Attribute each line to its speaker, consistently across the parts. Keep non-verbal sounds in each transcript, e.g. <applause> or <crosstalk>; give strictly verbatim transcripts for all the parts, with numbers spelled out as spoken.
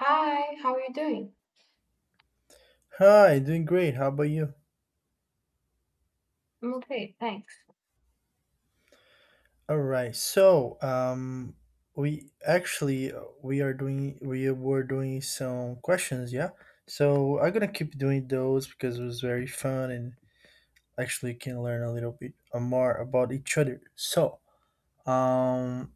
Speaker 1: Hi, how are you doing?
Speaker 2: Hi, doing great. How about you?
Speaker 1: I'm okay, thanks.
Speaker 2: All right. So, um, we actually uh, we are doing we were doing some questions, yeah. So I'm gonna keep doing those because it was very fun and actually can learn a little bit uh, more about each other. So, um,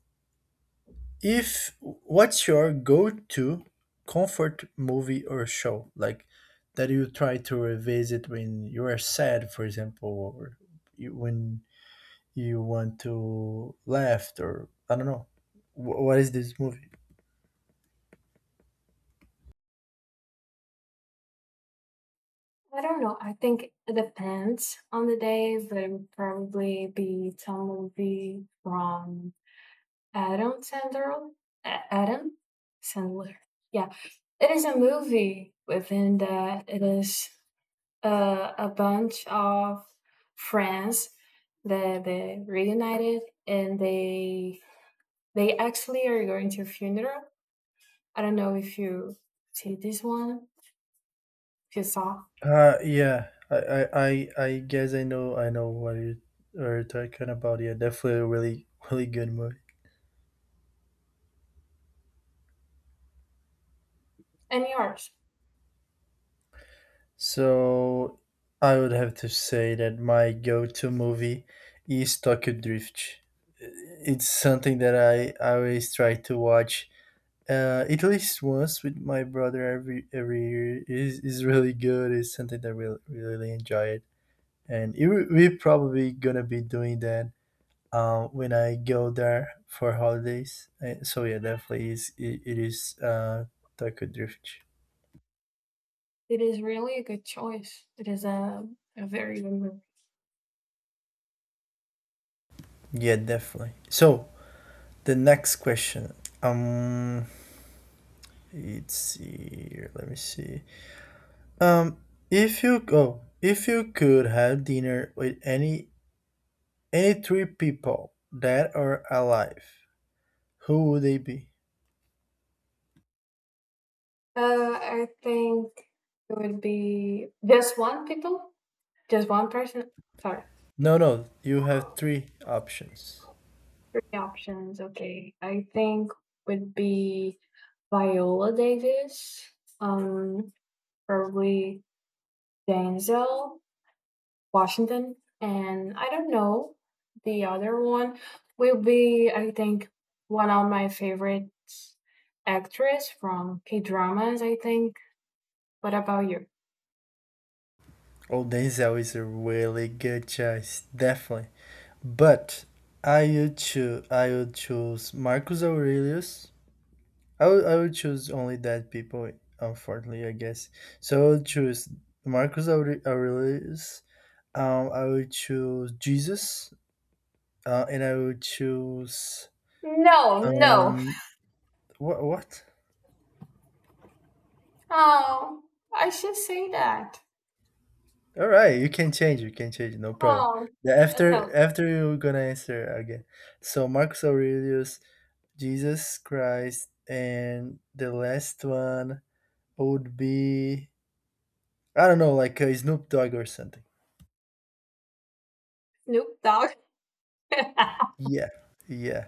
Speaker 2: if what's your go-to comfort movie or show, like that you try to revisit when you are sad, for example, or you, when you want to left, or I don't know. Wh- what is this movie?
Speaker 1: I don't know. I think it depends on the day, but it would probably be some movie from Adam Sandler. A- Adam Sandler. Yeah, it is a movie. Within that, it is uh, a bunch of friends that they reunited, and they they actually are going to a funeral. I don't know if you see this one. If you saw.
Speaker 2: Uh yeah, I, I I I guess I know I know what you are talking about. Yeah, definitely a really <laughs> really good movie.
Speaker 1: And yours.
Speaker 2: So I would have to say that my go-to movie is Tokyo Drift. It's something that I always try to watch uh, at least once with my brother every every year. is is really good. It's something that we really enjoy it, and it, we're probably gonna be doing that um, when I go there for holidays. Uh, So yeah, definitely is it, it is uh, taco drift.
Speaker 1: It is really a good choice. It is a, a very good movie.
Speaker 2: Yeah, definitely. So the next question. Um, let's see. Here, let me see. Um, if you oh, if you could have dinner with any any three people that are alive, who would they be?
Speaker 1: Uh, I think it would be just one people, just one person. Sorry,
Speaker 2: No, no, you have three options.
Speaker 1: three options. Okay, I think would be Viola Davis, um, probably Denzel Washington, and I don't know the other one will be I think one of my favorite actress from K dramas. I think. What about you?
Speaker 2: Oh, Denzel is a really good choice, definitely. But I would choose I would choose Marcus Aurelius. I would, I would choose only dead people, unfortunately, I guess. So I would choose Marcus Aure- Aurelius. Um, I would choose Jesus. Uh, and I would choose
Speaker 1: No, no.
Speaker 2: um what what?
Speaker 1: Oh, I should say that.
Speaker 2: All right, you can change. You can change. No problem.
Speaker 1: Oh,
Speaker 2: Yeah, after
Speaker 1: no,
Speaker 2: after you're gonna answer again. So Marcus Aurelius, Jesus Christ, and the last one would be, I don't know, like uh, Snoop Dogg or something.
Speaker 1: Snoop Dogg. <laughs> uh,
Speaker 2: Yeah, yeah.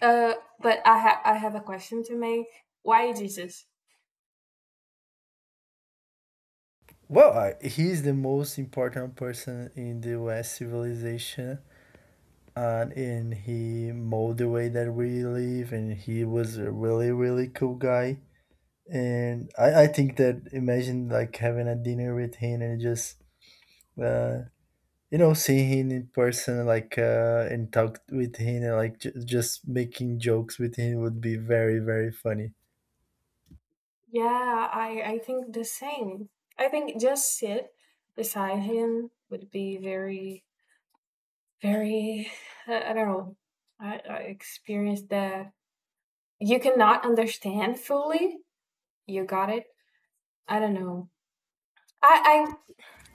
Speaker 1: but I have I have a question to make. Why Jesus?
Speaker 2: Well, I, he's the most important person in the West civilization, and, and he molded the way that we live. And he was a really, really cool guy. And I, I think that, imagine like having a dinner with him and just uh, you know, seeing him in person like uh and talk with him and like j- just making jokes with him would be very very funny.
Speaker 1: Yeah, I I think the same. I think just sit beside him would be very very I, I don't know. I, I experienced that you cannot understand fully. You got it. I don't know. I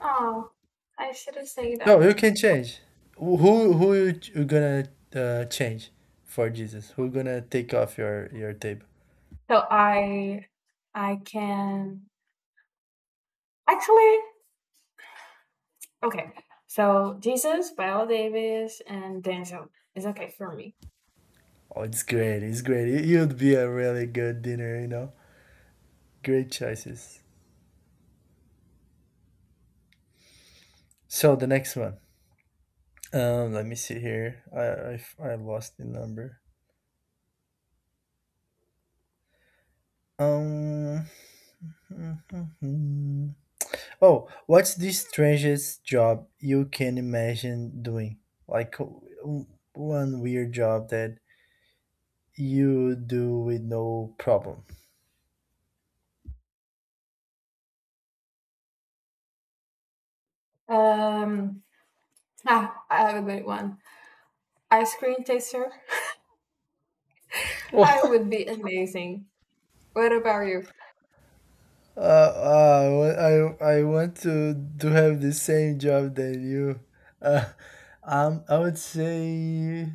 Speaker 1: I oh I shouldn't say
Speaker 2: No you
Speaker 1: that.
Speaker 2: can change who who who you, ch- you gonna uh, change for Jesus, who gonna take off your your table.
Speaker 1: So I I can actually. Okay. So Jesus, Viola Davis, and Denzel is okay for me.
Speaker 2: Oh, it's great, it's great it- you'd be a really good dinner, you know, great choices. So the next one, um let me see here. i i, I lost the number. um <laughs> Oh, what's the strangest job you can imagine doing? Like w- one weird job that you do with no problem.
Speaker 1: Um ah, I have a good one. Ice cream taster. <laughs> I
Speaker 2: Oh,
Speaker 1: would be amazing. What about you?
Speaker 2: Uh, uh, I I want to to have the same job that you. Uh, um, I would say,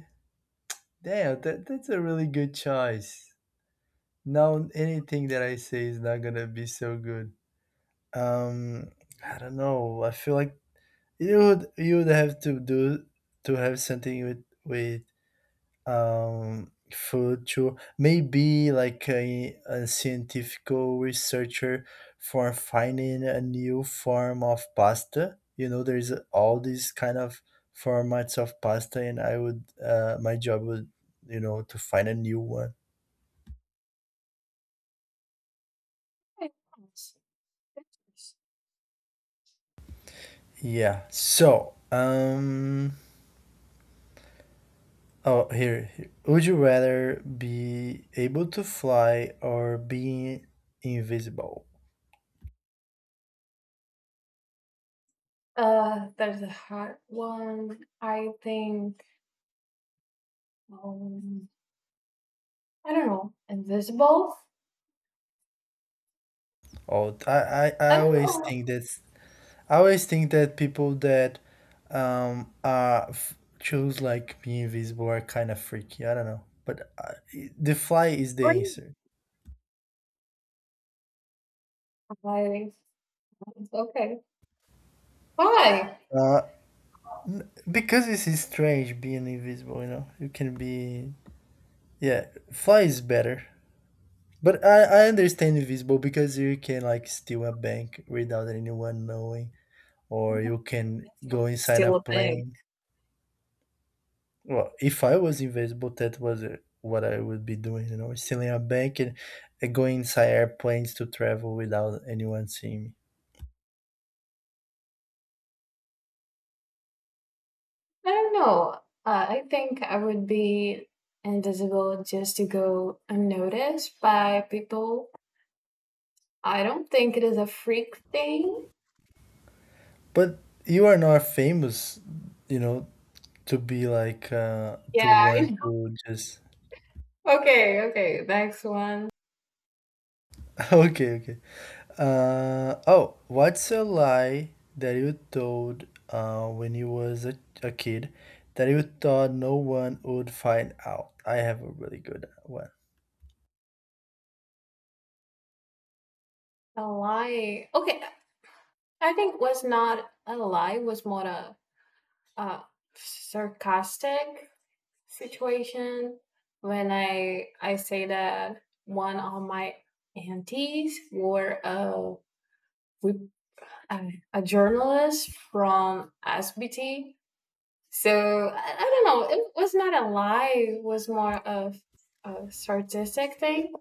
Speaker 2: damn, that that's a really good choice. Now anything that I say is not gonna be so good. Um, I don't know. I feel like You would you would have to do to have something with with um food too. Maybe like a, a scientific researcher for finding a new form of pasta. You know, there's all these kind of formats of pasta, and I would uh, my job would, you know, to find a new one.
Speaker 1: Hey, yes, yes.
Speaker 2: Yeah. So um. Oh, here, here. Would you rather be able to fly or be invisible?
Speaker 1: Uh, that's a hard one. I think um, I don't know. Invisible.
Speaker 2: Oh, I, I,
Speaker 1: I
Speaker 2: I
Speaker 1: don't
Speaker 2: always
Speaker 1: know.
Speaker 2: think that's I always think that people that um uh f- choose like being invisible are kind of freaky. I don't know, but uh, the fly is the
Speaker 1: Green.
Speaker 2: answer.
Speaker 1: I, okay. Why?
Speaker 2: Uh, n- because this is strange being invisible. You know, you can be, yeah, fly is better. But I, I understand invisible because you can like steal a bank without anyone knowing,
Speaker 1: I
Speaker 2: or
Speaker 1: don't know.
Speaker 2: you can go
Speaker 1: It's
Speaker 2: inside a
Speaker 1: still a thing.
Speaker 2: plane. Well, if I was invisible, that was uh, what I would be doing, you know, stealing a bank, and, and going inside airplanes to travel without anyone seeing me.
Speaker 1: I don't know. Uh, I think I would be invisible just to go unnoticed by people. I don't think it is a freak thing.
Speaker 2: But you are not famous, you know, to be like uh,
Speaker 1: Yeah.
Speaker 2: to want
Speaker 1: I-
Speaker 2: to just
Speaker 1: <laughs> okay. Okay. Next one.
Speaker 2: <laughs> okay, okay. Uh, oh, what's a lie that you told uh, when you was a, a kid that you thought no one would find out? I have a really good one.
Speaker 1: A lie. Okay. I think was not a lie. Was more a uh, sarcastic situation when I I say that one of my aunties were a a, a journalist from S B T. So I, I don't know. It was not a lie. It was more of a sarcastic thing.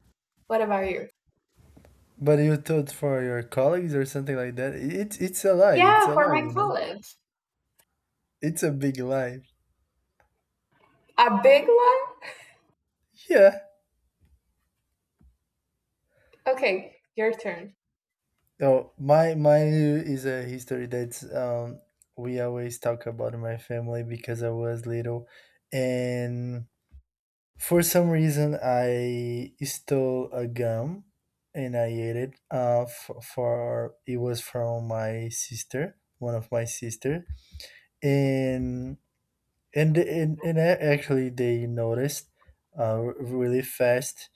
Speaker 1: What about you?
Speaker 2: But you thought for your colleagues or something like that. It it's a lie. It's
Speaker 1: Yeah,
Speaker 2: a
Speaker 1: for
Speaker 2: lie,
Speaker 1: my
Speaker 2: you know.
Speaker 1: college,
Speaker 2: It's a big lie.
Speaker 1: a big one.
Speaker 2: Yeah.
Speaker 1: Okay, your turn.
Speaker 2: Oh, my, mine is a history that's um we always talk about in my family because I was little and for some reason, I stole a gum and I ate it. Uh, for, for it was from my sister, one of my sister, and and and, and a- actually they noticed uh, r- really fast.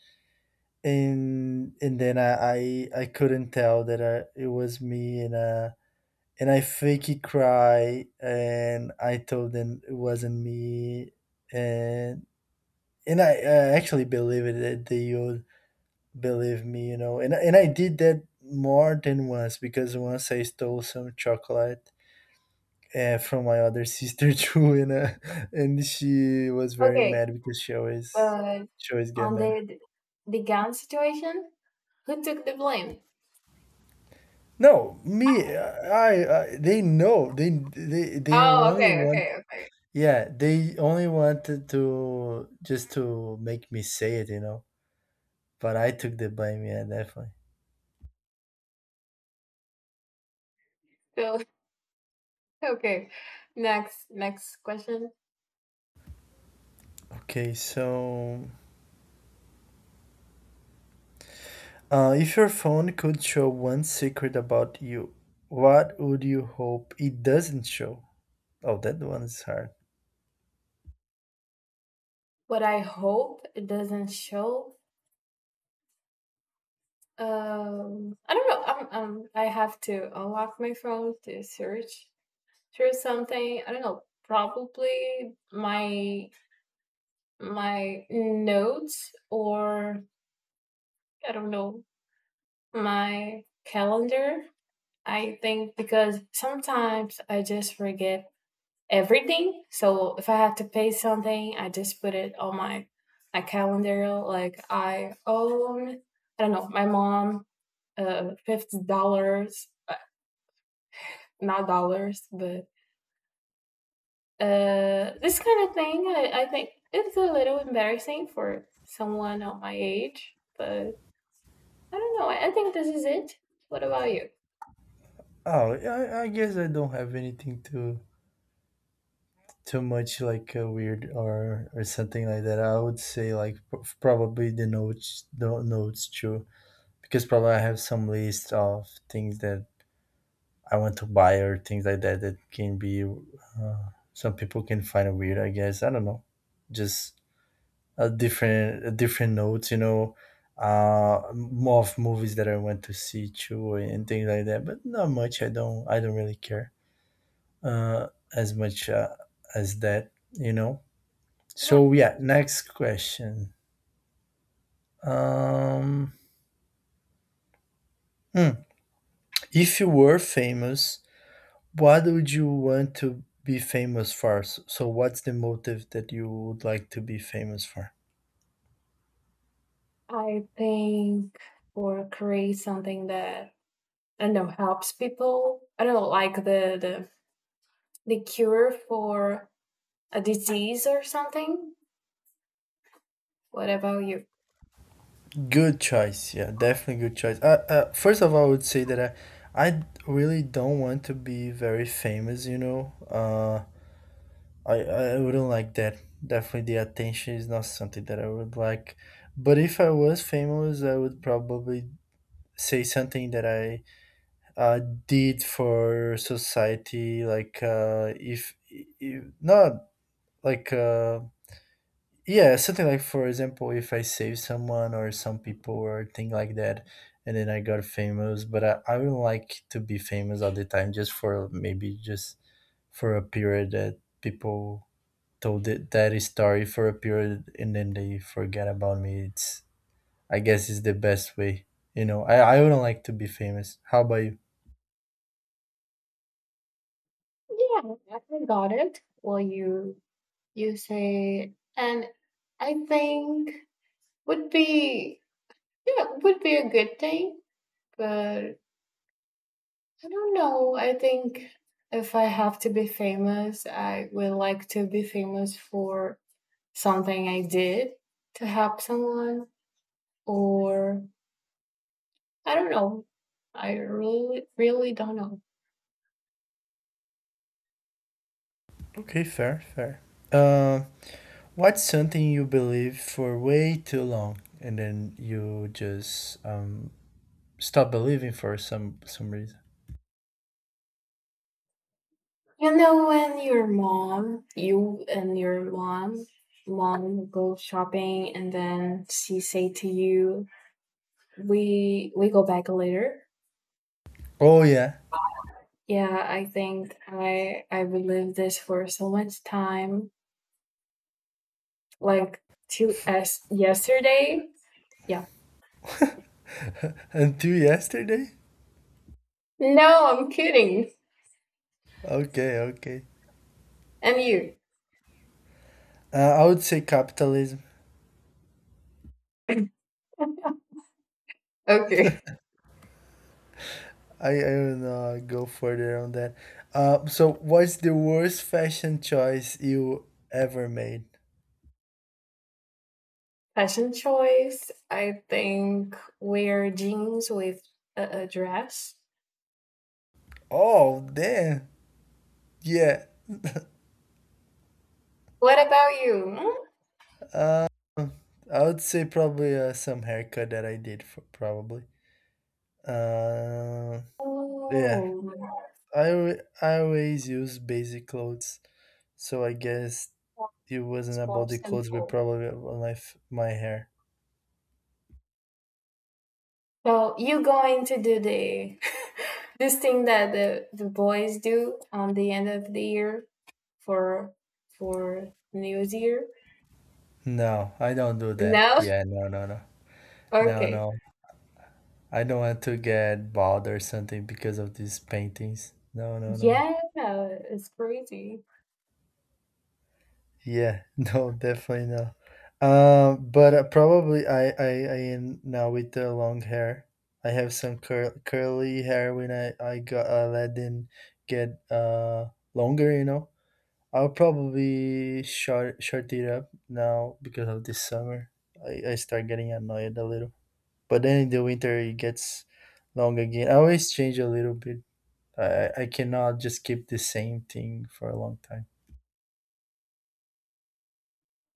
Speaker 2: And and then I, I, I couldn't tell that I, it was me, and uh and I fakey cry and I told them it wasn't me, and and I, I actually believe it that they all believe me, you know, and and I did that more than once because once I stole some chocolate uh, from my other sister <laughs> too, and uh, and she was very
Speaker 1: Okay,
Speaker 2: mad because she always
Speaker 1: but
Speaker 2: she always get
Speaker 1: on
Speaker 2: mad.
Speaker 1: the the gun situation, who took the blame?
Speaker 2: No, me, I, I they know they they they
Speaker 1: Oh,
Speaker 2: only
Speaker 1: okay,
Speaker 2: want,
Speaker 1: okay, okay.
Speaker 2: yeah, they only wanted to just to make me say it, you know. But I took the blame, yeah, definitely.
Speaker 1: So, <laughs> okay. Next, next question.
Speaker 2: Okay, so, Uh, if your phone could show one secret about you, what would you hope it doesn't show? Oh, that one is hard.
Speaker 1: What I hope it doesn't show. Um, I don't know. Um, um, I have to unlock my phone to search through something. I don't know. Probably my my notes, or I don't know, my calendar. I think because sometimes I just forget everything. So if I have to pay something, I just put it on my my calendar. Like I own, I don't know, my mom uh fifty dollars, uh, not dollars, but uh this kind of thing. I, I think it's a little embarrassing for someone of my age, but I don't know. I, I think this is it. What about you?
Speaker 2: Oh, I, I guess I don't have anything too too much like uh, weird or or something like that. I would say like p- probably the notes, the notes too, because probably I have some list of things that I want to buy or things like that that can be uh, some people can find weird. I guess I don't know, just uh, different uh, different notes, you know, uh, more of movies that I went to see too and things like that. But not much. I don't I don't really care uh, as much uh, as that, you know.
Speaker 1: Yeah.
Speaker 2: So yeah, next question. Um, hmm, if you were famous, what would you want to be famous for? S- So what's the motive that you would like to be famous for?
Speaker 1: I think or create something that I don't know helps people. I don't know, like the the the cure for a disease or something? What about you?
Speaker 2: Good choice. Yeah, definitely good choice. Uh, uh, first of all, I would say that I, I really don't want to be very famous, you know. Uh, I, I wouldn't like that. Definitely the attention is not something that I would like. But if I was famous, I would probably say something that I uh, did for society, like uh, if, if not like uh, yeah, something like for example, if I save someone or some people or thing like that, and then I got famous, but I, I would like to be famous all the time, just for maybe just for a period that people told it, that story for a period, and then they forget about me. It's I guess is the best way. You know, I, I wouldn't like to be famous. How about you?
Speaker 1: Yeah, I got it. Well, you you say, and I think would be, yeah, would be a good thing. But I don't know. I think if I have to be famous, I would like to be famous for something I did to help someone, or I don't know. I really really don't know.
Speaker 2: Okay, fair, fair. Uh, what's something you believe for way too long and then you just um, stop believing for some some reason.
Speaker 1: You know when your mom, you and your mom, mom go shopping, and then she say to you, "We we go back later."
Speaker 2: Oh yeah,
Speaker 1: Yeah, I think I I relived this for so much time, like to as yesterday. Yeah.
Speaker 2: until yesterday.
Speaker 1: No, I'm kidding.
Speaker 2: Okay, okay.
Speaker 1: And you?
Speaker 2: Uh, I would say capitalism.
Speaker 1: Okay.
Speaker 2: I I do not know, go further on that. Uh, so what's the worst fashion choice you ever made?
Speaker 1: Fashion choice. I think wear jeans with a, a dress.
Speaker 2: Oh damn. Yeah.
Speaker 1: What about you? Hmm?
Speaker 2: Uh, I would say probably uh, some haircut that I did for probably. Uh, yeah.
Speaker 1: Oh,
Speaker 2: I al- I always use basic clothes, so I guess it
Speaker 1: it's
Speaker 2: wasn't about
Speaker 1: for
Speaker 2: the clothes, but
Speaker 1: simple.
Speaker 2: probably about my f- my hair.
Speaker 1: So you going to do the <laughs> this thing that the, the boys do on the end of the year for for New Year?
Speaker 2: No, I don't do that.
Speaker 1: No? <laughs>
Speaker 2: Yeah, no, no, no, no,
Speaker 1: Okay.
Speaker 2: no. I don't want to get bald or something because of these paintings. No, no, no, No.
Speaker 1: Yeah, it's crazy.
Speaker 2: Yeah, <laughs> no, definitely no. Um, but uh, Probably I, I, I am now with the long hair. I have some cur- curly hair when I, I got, I let them get uh longer, you know. I'll probably short short it up now because of this summer. I, I start getting annoyed a little, but then in the winter it gets long again. I always change a little bit. I I cannot just keep the same thing for a long time.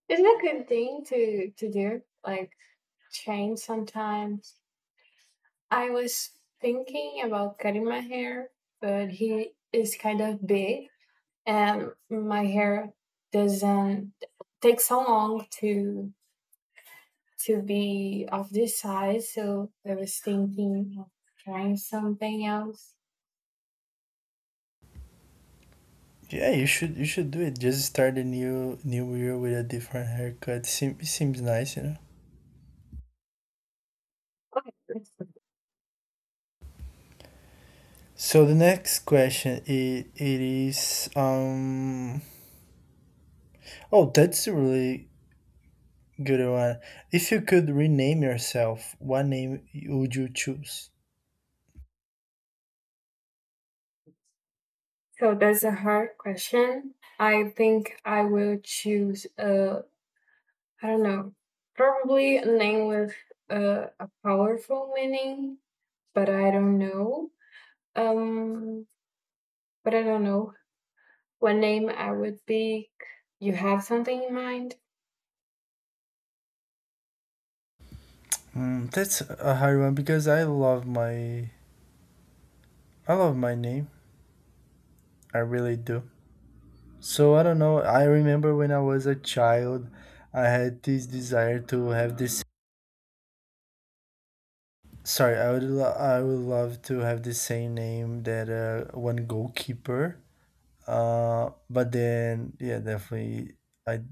Speaker 1: It's a good thing to to do, like change sometimes. I was thinking about cutting my hair, but he is kind of big and my hair doesn't take so long to to be of this size. So I was thinking of trying something else.
Speaker 2: Yeah, you should you should do it. Just start a new new year with a different haircut. Seem, it seems nice, you know. So the next question, it, it is um oh that's a really good one. If you could rename yourself, what name would you choose?
Speaker 1: So that's a hard question. I think I will choose a, I don't know, probably a name with a, a powerful meaning, but I don't know. Um, but I don't know what name I would pick. You have something in mind?
Speaker 2: Mm, that's a hard one because I love my I love my name. I really do. So I don't know. I remember when I was a child, I had this desire to have this. Sorry, I would lo- I would love to have the same name that uh, one goalkeeper. Uh, but then yeah, definitely I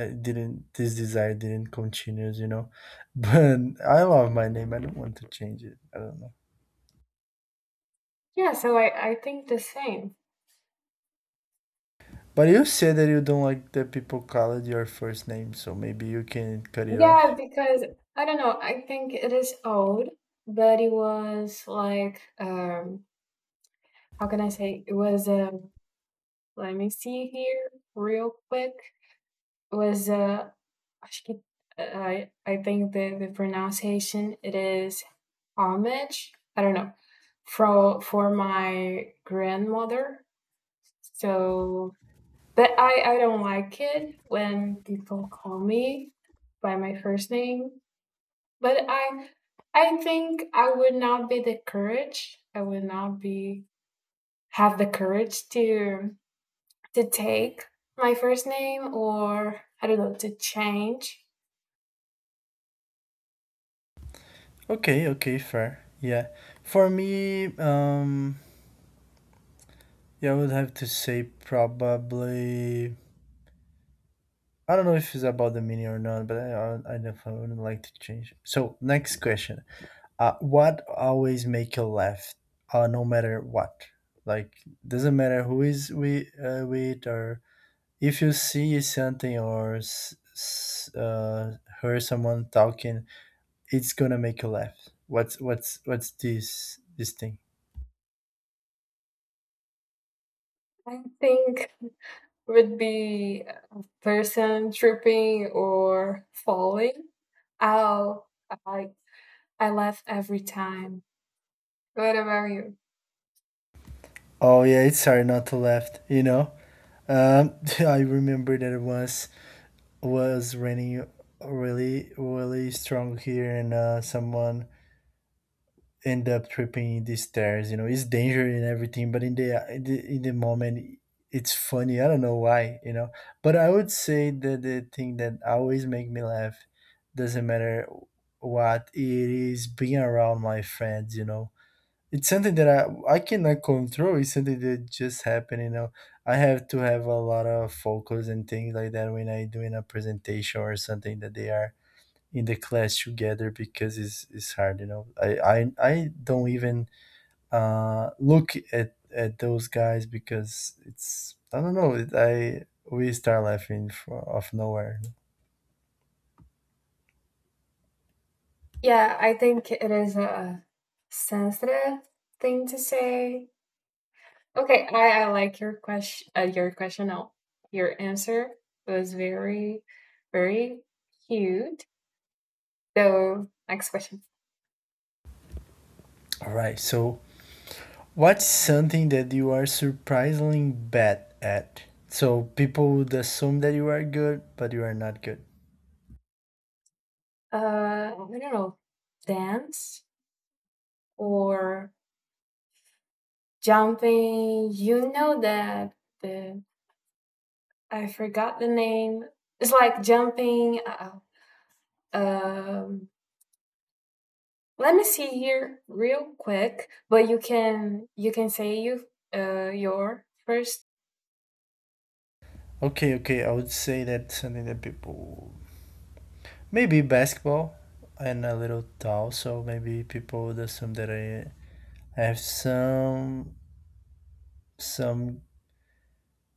Speaker 2: I didn't, this desire didn't continue, you know. <laughs> But I love my name. I don't want to change it. I don't know.
Speaker 1: Yeah, so I, I think the same.
Speaker 2: But you said that you don't like that people call it your first name, so maybe you can cut it off.
Speaker 1: Yeah, because I don't know, I think it is old, but it was like um how can I say, it was um let me see here real quick. It was uh actually, I I think the, the pronunciation it is homage. I don't know. For for my grandmother. So But I, I don't like it when people call me by my first name. But I I think I would not be the courage. I would not be have the courage to to take my first name, or I don't know, to change.
Speaker 2: Okay, okay, fair. Yeah. For me, um yeah, I would have to say probably I don't know if it's about the meaning or not, but I I, I definitely wouldn't like to change. So next question. Uh, what always make you laugh, uh, no matter what? Like doesn't matter who is we uh, with, or if you see something or s- s- uh, hear someone talking, it's gonna make you laugh. What's what's what's this this thing?
Speaker 1: I think would be a person tripping or falling. I'll I I laugh every time. What about you?
Speaker 2: Oh yeah, it's hard not to laugh. You know, um, <laughs> I remember that it was was raining really really strong here, and uh, someone end up tripping these stairs. You know, it's dangerous and everything, but in the in the, in the moment, it's funny. I don't know why. You know, but I would say that the thing that always make me laugh, doesn't matter what it is, being around my friends. You know, it's something that I I cannot control. It's something that just happened. You know, I have to have a lot of focus and things like that when I doing a presentation or something that they are in the class together because it's, it's hard, you know, i i, I don't even uh, look at, at those guys because it's I don't know it, I we start laughing from of nowhere.
Speaker 1: Yeah, I think it is a sensitive thing to say. Okay, I, I like your question. Uh, your question. No, your answer was very, very cute. So next question.
Speaker 2: All right, so what's something that you are surprisingly bad at, so people would assume that you are good, but you are not good?
Speaker 1: Uh, I don't know, dance or jumping. You know that the I forgot the name. It's like jumping. Uh, um, Let me see here real quick, but you can you can say you uh your first.
Speaker 2: Okay, okay, I would say that something that people, maybe basketball, and a little tall, so maybe people would assume that i I have some some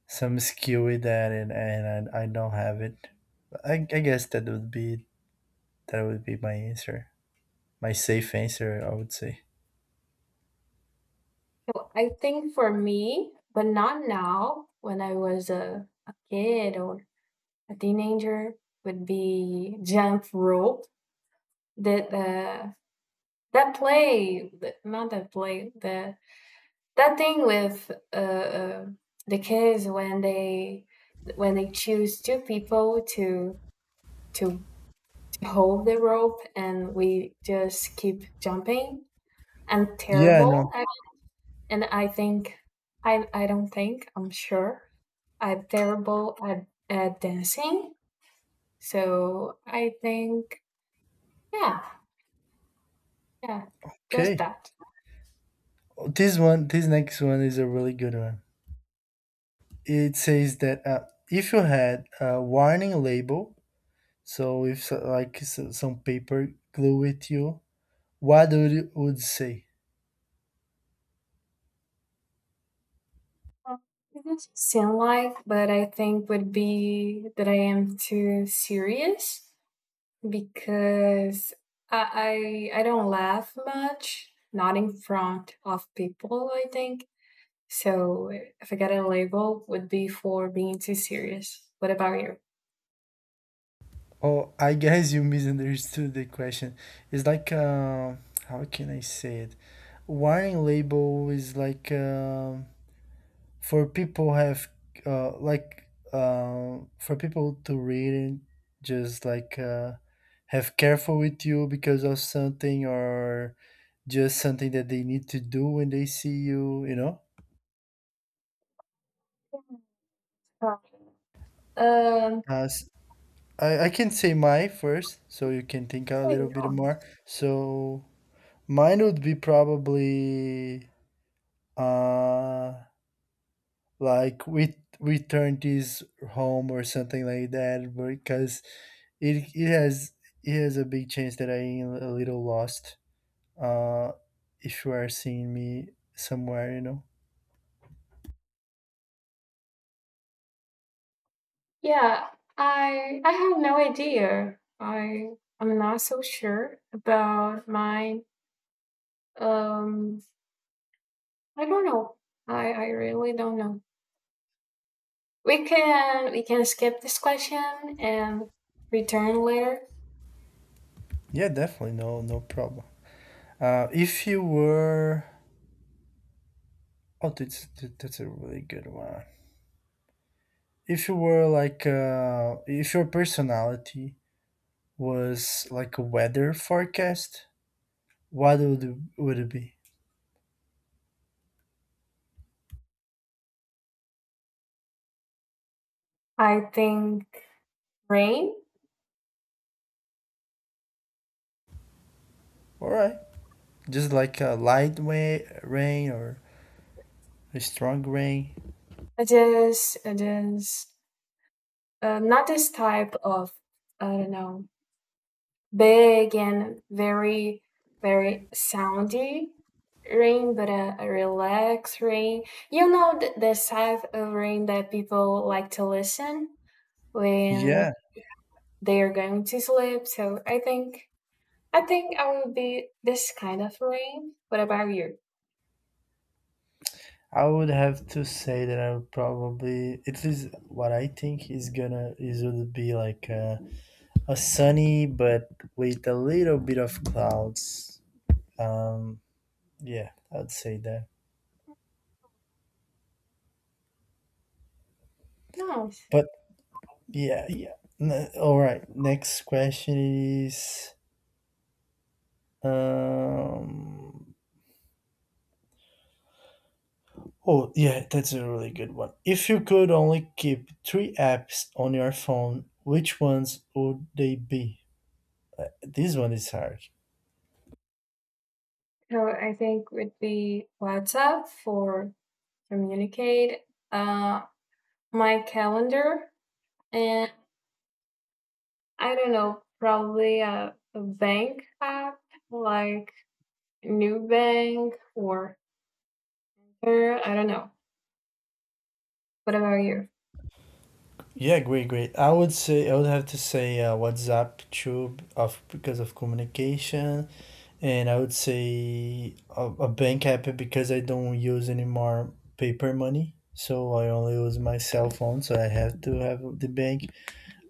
Speaker 2: some skill with that, and and I, I don't have it. I, I guess that would be, that would be my answer, my safe answer, I would say.
Speaker 1: Well, I think for me, but not now. When I was a, a kid or a teenager, would be jump rope. That uh that play, th- not that play, the that thing with uh, uh the kids when they when they choose two people to to hold the rope and we just keep jumping. I'm
Speaker 2: Yeah, I know.
Speaker 1: terrible, and I think, i i don't think, I'm sure I'm terrible at, at dancing, so I think, yeah, yeah, just
Speaker 2: Okay.
Speaker 1: that.
Speaker 2: This one, this next one is a really good one. It says that uh, if you had a warning label, so if so- like so, some paper glue with you, what would you would say?
Speaker 1: It doesn't seem like, but I think would be that I am too serious, because i i, I don't laugh much, not in front of people, I think. So if I got a label, would be for being too serious. What about you?
Speaker 2: Oh, I guess you misunderstood the question. It's like uh, how can I say it? Warning label is like um for people have uh, like uh, for people to read it, just like uh, have careful with you because of something, or just something that they need to do when they see you, you know.
Speaker 1: Um,
Speaker 2: Uh, s- I I can say my first, so you can think a little bit
Speaker 1: so,
Speaker 2: more. So mine would be probably uh like we we turned this home or something like that because it it has it has a big chance that I am a little lost. Uh, if you are seeing me somewhere, you know.
Speaker 1: yeah, I I have no idea. I I'm not so sure about mine. Um, I don't know. I I really don't know. We can we can skip this question and return later.
Speaker 2: Yeah, definitely, no no problem. Uh, if you were, oh, that's that's a really good one. If you were like uh, if your personality was like a weather forecast, what would would it be?
Speaker 1: I think rain.
Speaker 2: All right, just like a light way, rain, or a strong rain?
Speaker 1: It is it is um, not this type of, I don't know, big and very very soundy rain, but a, a relaxed rain. You know th- the type of rain that people like to listen when
Speaker 2: Yeah,
Speaker 1: they are going to sleep. So I think I think I would be this kind of rain. What about you?
Speaker 2: I would have to say that I would probably, at least what I think is gonna is, would be like a, a sunny but with a little bit of clouds. Um, yeah, I'd say that.
Speaker 1: Nice.
Speaker 2: But yeah, yeah. N- all right. Next question is um oh, yeah, that's a really good one. If you could only keep three apps on your phone, which ones would they be? Uh, this one is hard.
Speaker 1: So I think would be WhatsApp for communicate. Uh, my calendar, and I don't know, probably a, a bank app like Nubank or Zer, I don't know. What about you?
Speaker 2: Yeah, great, great. I would say, I would have to say uh, WhatsApp, Tube, of, because of communication, and I would say a, a bank app, because I don't use any more paper money, so I only use my cell phone. So I have to have the bank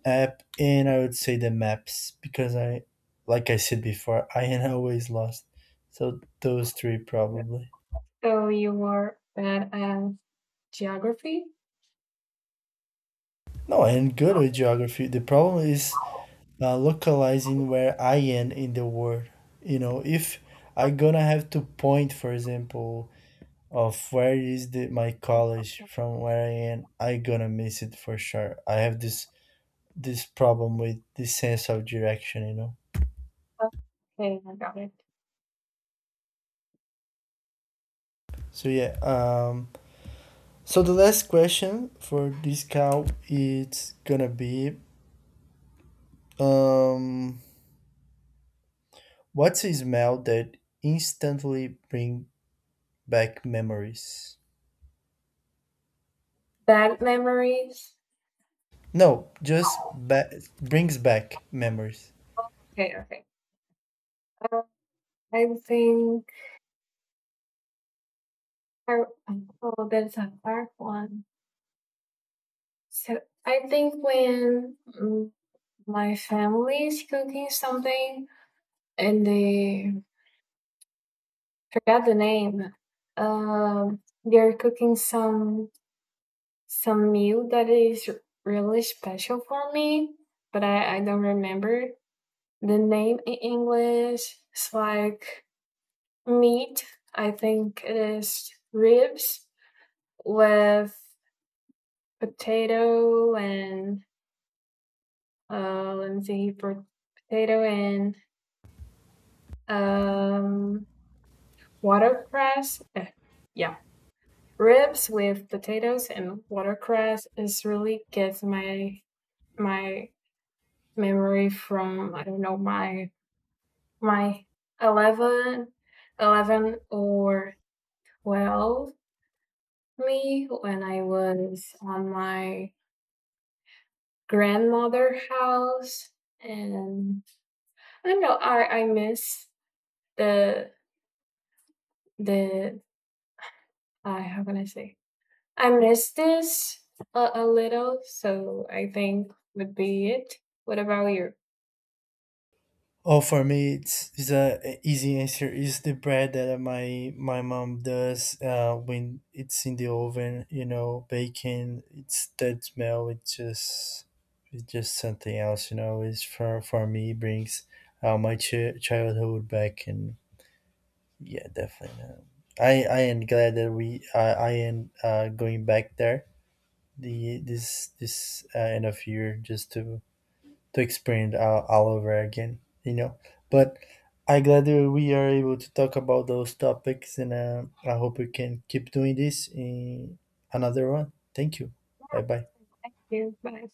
Speaker 2: app, and I would say the maps because I, like I said before, <laughs> I am always lost. So those three probably.
Speaker 1: So you were bad at geography?
Speaker 2: No, I am good with geography. The problem is uh, localizing where I am in the world. You know, if I gonna have to point, for example, of where is the my college from where I am, I gonna miss it for sure. I have this this problem with this sense of direction, you know.
Speaker 1: Okay, I got it.
Speaker 2: So yeah. Um, So the last question for this cow is gonna be um what's a smell that instantly bring back memories?
Speaker 1: Bad memories?
Speaker 2: No, just ba- brings back memories.
Speaker 1: Okay, okay. Uh, I think, I, oh, that's a hard one. So I think when mm, my family is cooking something and they forgot the name. Um, they're cooking some some meal that is really special for me, but I, I don't remember the name in English. It's like meat. I think it is ribs with potato and uh, let me see, potato and um, watercress. Eh, yeah, ribs with potatoes and watercress is really gets my my memory from, I don't know, my my eleven eleven or twelve, me when I was on my grandmother house, and I don't know, I I miss the the uh, how can I say, I miss this a, a little, so I think would be it. What about you?
Speaker 2: Oh, for me, it's, it's a easy answer. Is the bread that my my mom does uh, when it's in the oven, you know, baking. It's that smell. It's just it's just something else, you know. It's for for me brings uh, my ch- childhood back, and yeah, definitely. Uh, I I am glad that we uh, I am uh, going back there the this this uh, end of year, just to to experience all, all over again, you know. But I glad that we are able to talk about those topics, and uh, I hope we can keep doing this in another one. Thank you.
Speaker 1: Yeah,
Speaker 2: Bye bye.
Speaker 1: thank you. Bye.